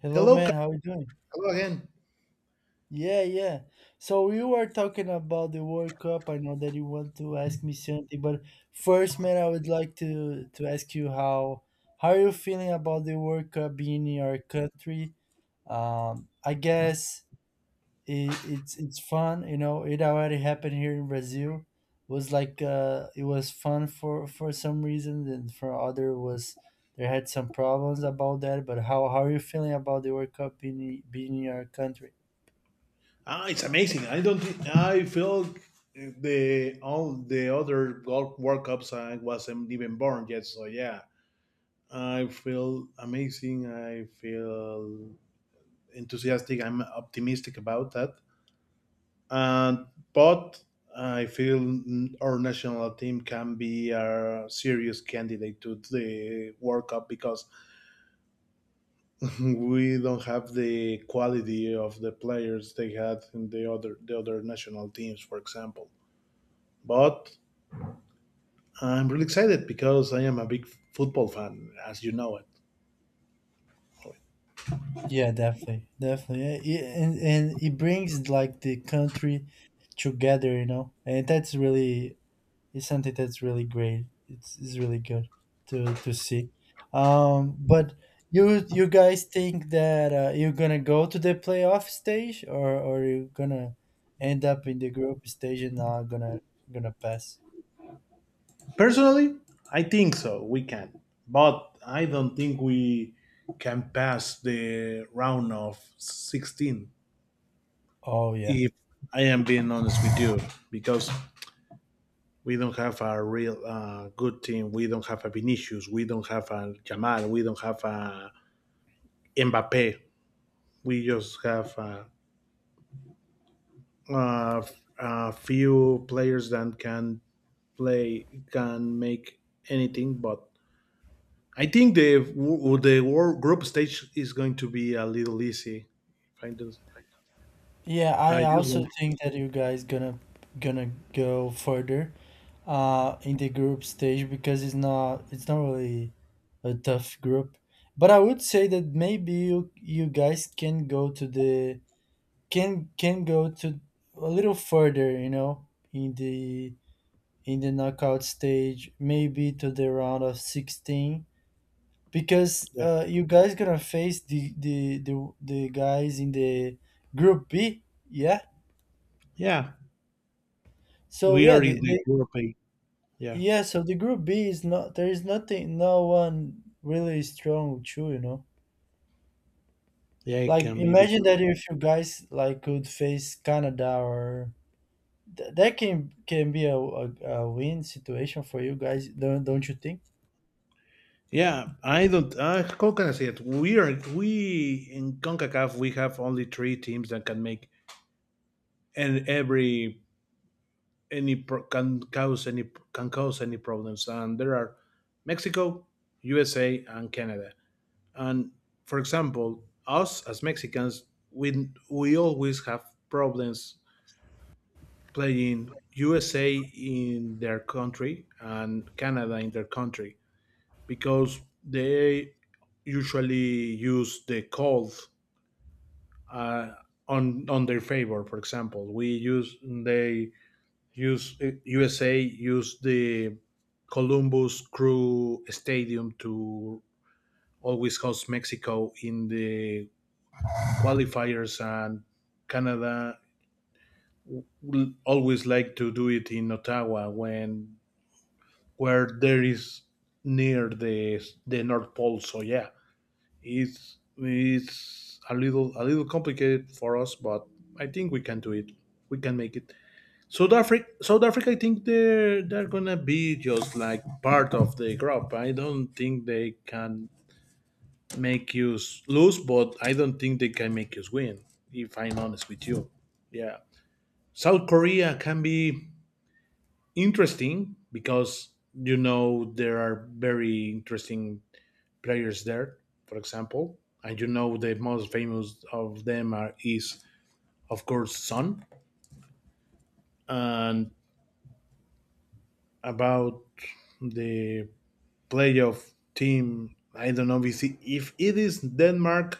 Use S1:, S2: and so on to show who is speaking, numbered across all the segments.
S1: Hello,
S2: Hello,
S1: man.
S2: Carl.
S1: How you doing?
S2: Hello again.
S1: Yeah, yeah. So you were talking about the World Cup. I know that you want to ask me something, but first, man, I would like to ask you how are you feeling about the World Cup being in your country? I guess it's fun. You know, it already happened here in Brazil. Was like it was fun for some reasons, and for other was there had some problems about that. But how are you feeling about the World Cup being in your country?
S2: Ah, it's amazing. I don't. Thi- I feel the all the other golf World Cups I wasn't even born yet. So yeah, I feel amazing. I feel enthusiastic. I'm optimistic about that. And but I feel our national team can be a serious candidate to the World Cup, because we don't have the quality of the players they had in the other national teams, for example. But I'm really excited because I am a big football fan, as you know it.
S1: Yeah, definitely, definitely. Eh, it, and it brings like the country together, you know, and that's really it's something that's really great. It's really good to see. But you guys think that you're gonna go to the playoff stage, or you're gonna end up in the group stage and not gonna pass?
S2: Personally, I think so. We can, but I don't think we can pass the round of 16.
S1: Oh yeah,
S2: If I am being honest with you, because we don't have a real good team. We don't have a Vinicius. We don't have a Jamal. We don't have a Mbappe. We just have uh, a few players that can play, can make anything. But I think the world group stage is going to be a little easy. If I just,
S1: yeah. I
S2: I just
S1: also
S2: want,
S1: think that you guys gonna go further in the group stage, because it's not really a tough group. But I would say that maybe you guys can go to the can go to a little further, you know, in the knockout stage, maybe to the round of 16, because
S2: yeah,
S1: you guys gonna face the guys in the group B. Yeah,
S2: yeah.
S1: so
S2: We are in the group A. Yeah,
S1: Yeah, so the group B is not there is nothing no one really strong too, you know.
S2: yeah, it
S1: Like
S2: can be
S1: imagine
S2: because
S1: that if you guys like could face Canada or that can be a win situation for you guys, don't you think?
S2: yeah, I don't. How can I say it? We in Concacaf. We have only three teams that can make, and every any can cause any, can cause any problems, and there are Mexico, USA, and Canada. And for example, us as Mexicans, we always have problems playing USA in their country and Canada in their country, because they usually use the cold, uh, on their favor. For example, we use they use USA used the Columbus Crew Stadium to always host Mexico in the qualifiers, and Canada will always like to do it in Ottawa, when where there is near the North Pole. So yeah, it's a little complicated for us, but I think we can do it. We can make it. South Africa, I think they're gonna be just like part of the group. I don't think they can make you lose, but I don't think they can make you win. If I'm honest with you, yeah. South Korea can be interesting, because you know there are very interesting players there. For example, and you know the most famous of them are is of course Son. And about the playoff team, I don't know if if it is Denmark.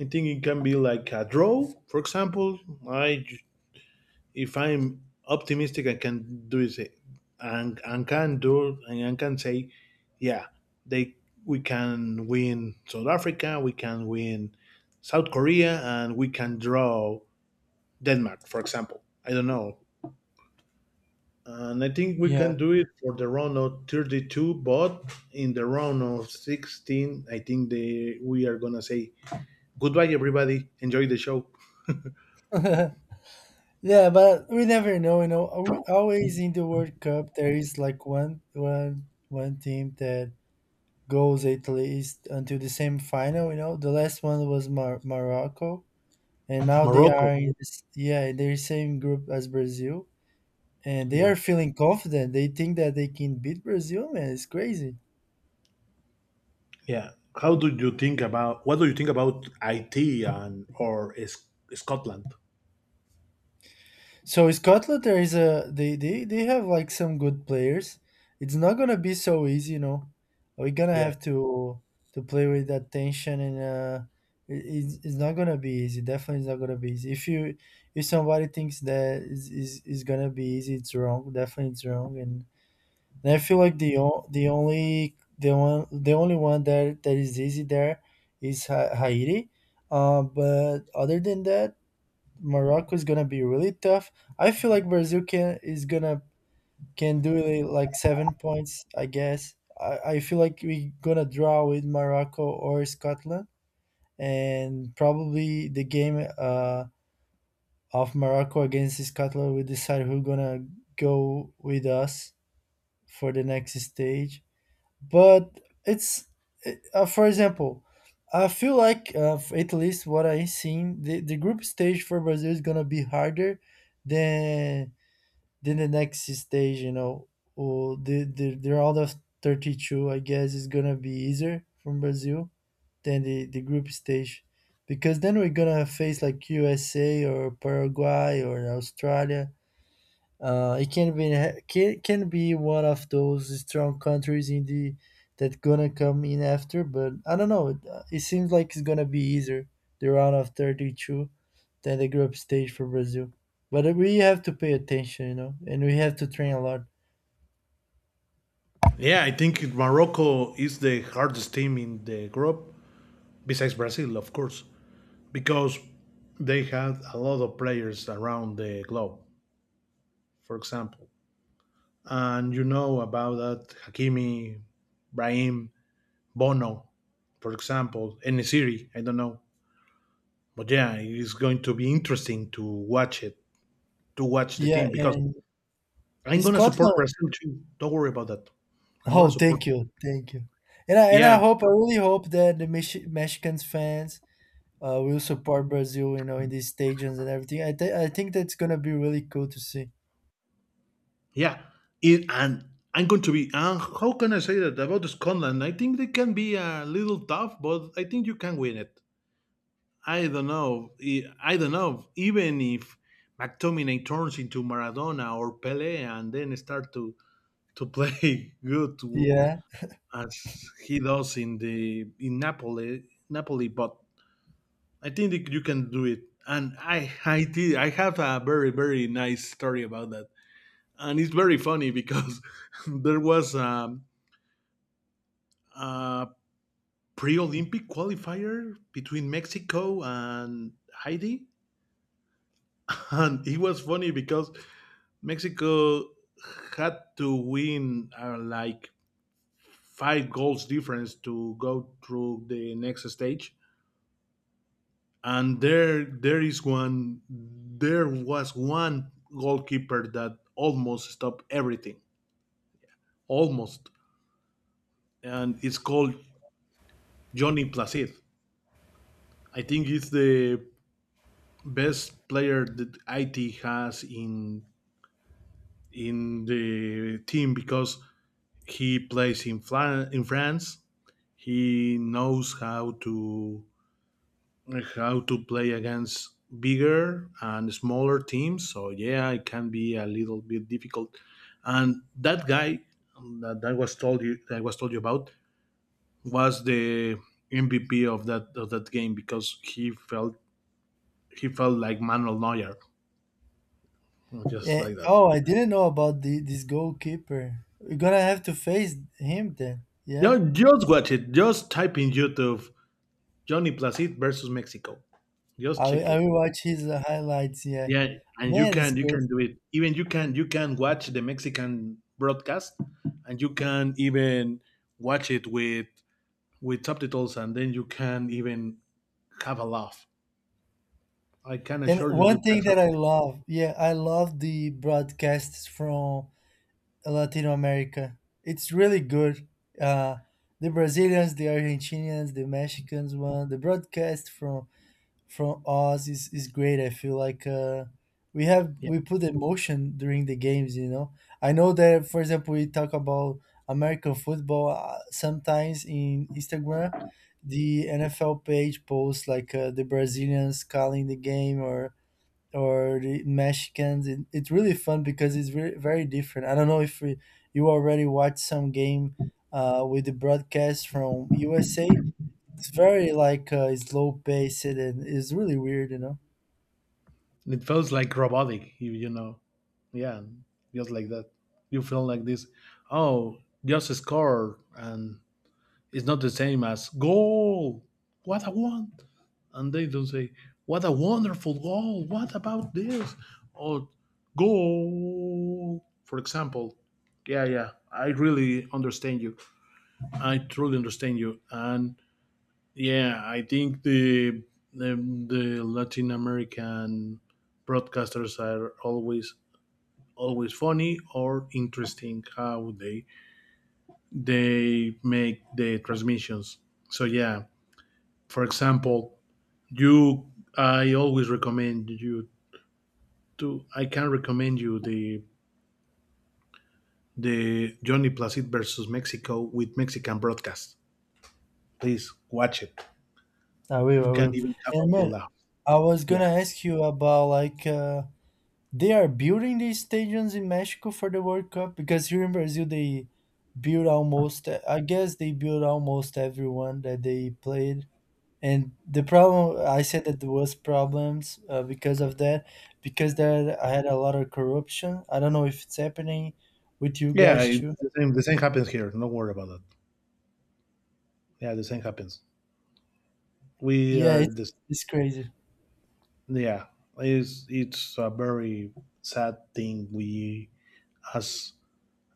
S2: I think it can be like a draw, for example. I If I'm optimistic, I can do it, and can do and I can say, yeah, they we can win South Africa, we can win South Korea, and we can draw Denmark, for example. I don't know. And I think we
S1: Yeah.
S2: can do it for the round of 32, but in the round of 16, I think we are going to say goodbye, everybody. Enjoy the show.
S1: Yeah, but we never know, you know. Always in the World Cup there is like one team that goes at least until the same final, you know. The last one was Morocco, and now they
S2: Morocco.
S1: are in this, yeah, they're same group as Brazil, and they are
S2: Yeah.
S1: feeling confident. They think that they can beat Brazil. Man, it's crazy.
S2: Yeah. How do you think about, what do you think about IT Scotland?
S1: So Scotland, there is a they have like some good players. It's not gonna be so easy, you know. We're gonna
S2: Yeah.
S1: have to play with that tension, and it's not gonna be easy. Definitely it's not gonna be easy. If you if somebody thinks that is gonna be easy, it's wrong. Definitely it's wrong. And I feel like the o- the only the one the only one that is easy there is Haiti. But other than that, Morocco is gonna be really tough. I feel like Brazil can is gonna can do it like 7 points, I guess. I feel like we gonna draw with Morocco or Scotland, and probably the game of Morocco against Scotland will decide who gonna go with us for the next stage. But it's for example, I feel like at least what I seen, the group stage for Brazil is gonna be harder than the next stage, you know, or the round of 32, I guess, is gonna be easier from Brazil than the group stage, because then we're gonna face like USA or Paraguay or Australia. Uh, it can be can be one of those strong countries in the that gonna come in after. But I don't know. It, it seems like it's gonna be easier the round of 32 than the group stage for Brazil. But we have to pay attention, you know, and we have to train a lot.
S2: Yeah, I think Morocco is the hardest team in the group, besides Brazil, of course, because they had a lot of players around the globe. For example, and you know about that Hakimi, Brahim, Bono, for example, any Siri, I don't know. But yeah, it's going to be interesting to watch it, to watch the
S1: Yeah,
S2: team. Because
S1: and
S2: I'm gonna support
S1: Scotland.
S2: Brazil too. Don't worry about that. I'm
S1: Oh,
S2: gonna support.
S1: thank you, thank you. And I
S2: Yeah,
S1: hope, I really hope, that the Mexicans fans will support Brazil, you know, in these stadiums and everything. I think that's gonna be really cool to see.
S2: yeah. It, and I'm going to be. And How can I say that about Scotland? I think they can be a little tough, but I think you can win it. I don't know. I don't know. Even if McTominay turns into Maradona or Pele and then start to play good, to,
S1: Yeah.
S2: as he does in the in Napoli, Napoli. But I think that you can do it. And I I did. I have a very very nice story about that, and it's very funny. Because there was a pre-Olympic qualifier between Mexico and Haiti, and it was funny because Mexico had to win like five goals difference to go through the next stage. And there is one. There was one goalkeeper that almost stopped everything, almost, and it's called Johnny Placid. I think it's the best player that IT has in the team, because he plays in France. He knows how to play against bigger and smaller teams. So yeah, it can be a little bit difficult. And that guy that, that was told you that I was told you about, was the MVP of that game, because he felt, he felt like Manuel Neuer, just
S1: Eh,
S2: like that.
S1: oh, I didn't know about the this goalkeeper. We're gonna have to face him then. Yeah.
S2: No, just watch it. Just type in YouTube, Johnny Placid versus Mexico. Just check
S1: I
S2: it.
S1: will watch his highlights. Yeah.
S2: Yeah, and you
S1: Man, it's
S2: can
S1: crazy.
S2: do it. Even You can watch the Mexican broadcast, and you can even watch it with subtitles, and then you can even have a laugh. I can
S1: And
S2: assure you, you
S1: one
S2: can
S1: thing that I
S2: have.
S1: love, yeah, I love the broadcasts from Latino America. It's really good. Uh, the Brazilians, the Argentinians, the Mexicans one, the broadcast from Oz is great. I feel like we have
S2: Yeah,
S1: we put emotion during the games. You know, I know that, for example, we talk about American football sometimes in Instagram. The NFL page posts like the Brazilians calling the game or the Mexicans. It's really fun, because it's very very different. I don't know if we, you already watched some game with the broadcast from USA. It's very like slow paced, and it's really weird, you know.
S2: it feels like robotic. You know, yeah, just like that. You feel like this. Oh, just score, and it's not the same as goal. What I want. And they don't say, "What a wonderful goal! What about this?" Or goal, for example. Yeah, yeah, I really understand you. I truly understand you, and yeah, I think the, the Latin American broadcasters are always funny or interesting how they make the transmissions. So yeah, for example, you I always recommend you to I can recommend you the Johnny Placid versus Mexico with Mexican broadcast. Please watch it. You
S1: I
S2: can
S1: will.
S2: even have
S1: And
S2: a
S1: man,
S2: feel out.
S1: I was
S2: Yeah,
S1: gonna ask you about like they are building these stadiums in Mexico for the World Cup, because here in Brazil they built almost. I guess they built almost everyone that they played. And the problem, I said that there was problems because of that, because there I had a lot of corruption. I don't know if it's happening with you
S2: yeah.
S1: guys too.
S2: It's the same. The same happens here. Don't worry about that. Yeah, the same happens. We
S1: Yeah,
S2: are
S1: it's,
S2: this.
S1: it's crazy.
S2: Yeah, it's a very sad thing. We as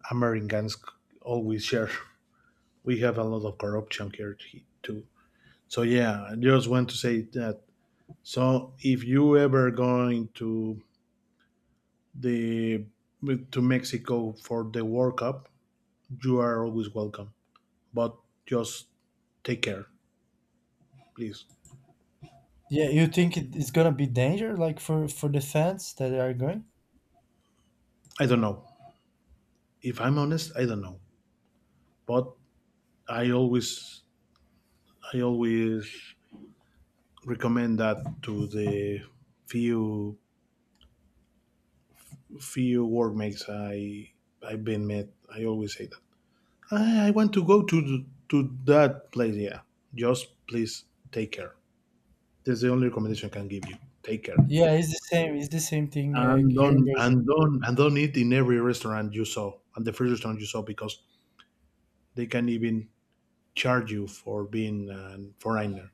S2: Americans always share. We have a lot of corruption here too. So yeah, I just want to say that. So if you ever going to the to Mexico for the World Cup, you are always welcome. But just take care, please.
S1: Yeah, you think it's gonna be danger, like for the fans that are going?
S2: I don't know. If I'm honest, I don't know. But I always I always recommend that to the few few workmates I've been met. I always say that. I want to go to that place, yeah. Just please take care. That's the only recommendation I can give you. Take care.
S1: Yeah, it's the same. It's the same thing
S2: and
S1: here in
S2: don't
S1: Brazil.
S2: and don't and don't eat in every restaurant you saw and the first restaurant you saw, because they can even charge you for being a foreigner.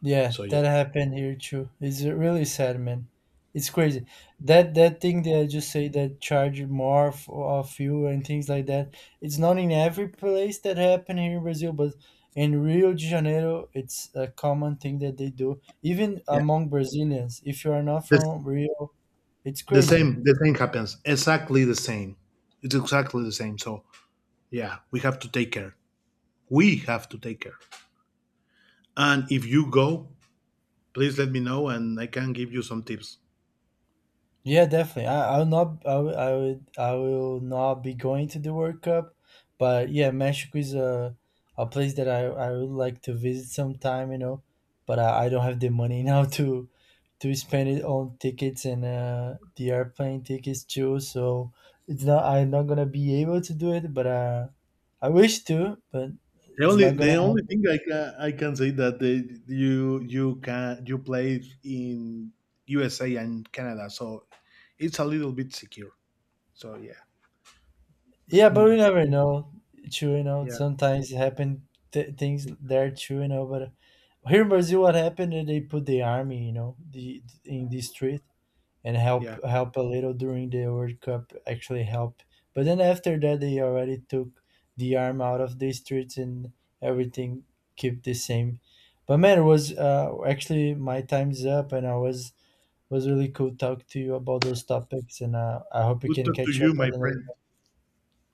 S1: Yeah,
S2: So yeah,
S1: that happened here too. It's really sad, man. It's crazy. That thing that I just say that charge more of you and things like that. It's not in every place that happen here in Brazil, but in Rio de Janeiro, it's a common thing that they do, even
S2: yeah,
S1: among Brazilians. If you are not
S2: the,
S1: from Rio, it's crazy.
S2: the same happens, exactly the same. It's exactly the same. So yeah, we have to take care. we have to take care and if you go, please let me know, and I can give you some tips.
S1: Yeah, definitely. I, I'll not. I, will- I would. I will not be going to the World Cup, but yeah, Mexico is a place that I would like to visit sometime, you know. But I don't have the money now to spend it on tickets and the airplane tickets too. So it's not. I'm not gonna be able to do it, but I wish to. But it's not gonna
S2: The only thing I can say that you you can you played in USA and Canada, so it's a little bit secure. So yeah,
S1: Yeah,
S2: Mm,
S1: but we never know. True, you know,
S2: yeah,
S1: sometimes it happen things there too, you know. But here in Brazil, what happened? Is They put the army, you know, the in the street, and
S2: yeah.
S1: help a little during the World Cup. Actually help, but then after that, they already took the arm out of the streets, and everything keep the same. But man, it was actually my time's up, and I was really cool talk to you about those topics, and I hope we
S2: Good
S1: can
S2: talk to
S1: catch up.
S2: you,
S1: I
S2: my
S1: don't know.
S2: friend.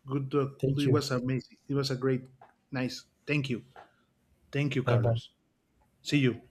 S2: Good talk.
S1: Thank
S2: It
S1: you.
S2: was amazing. It was a great, nice. Thank you,
S1: Bye bye.
S2: Carlos. See you.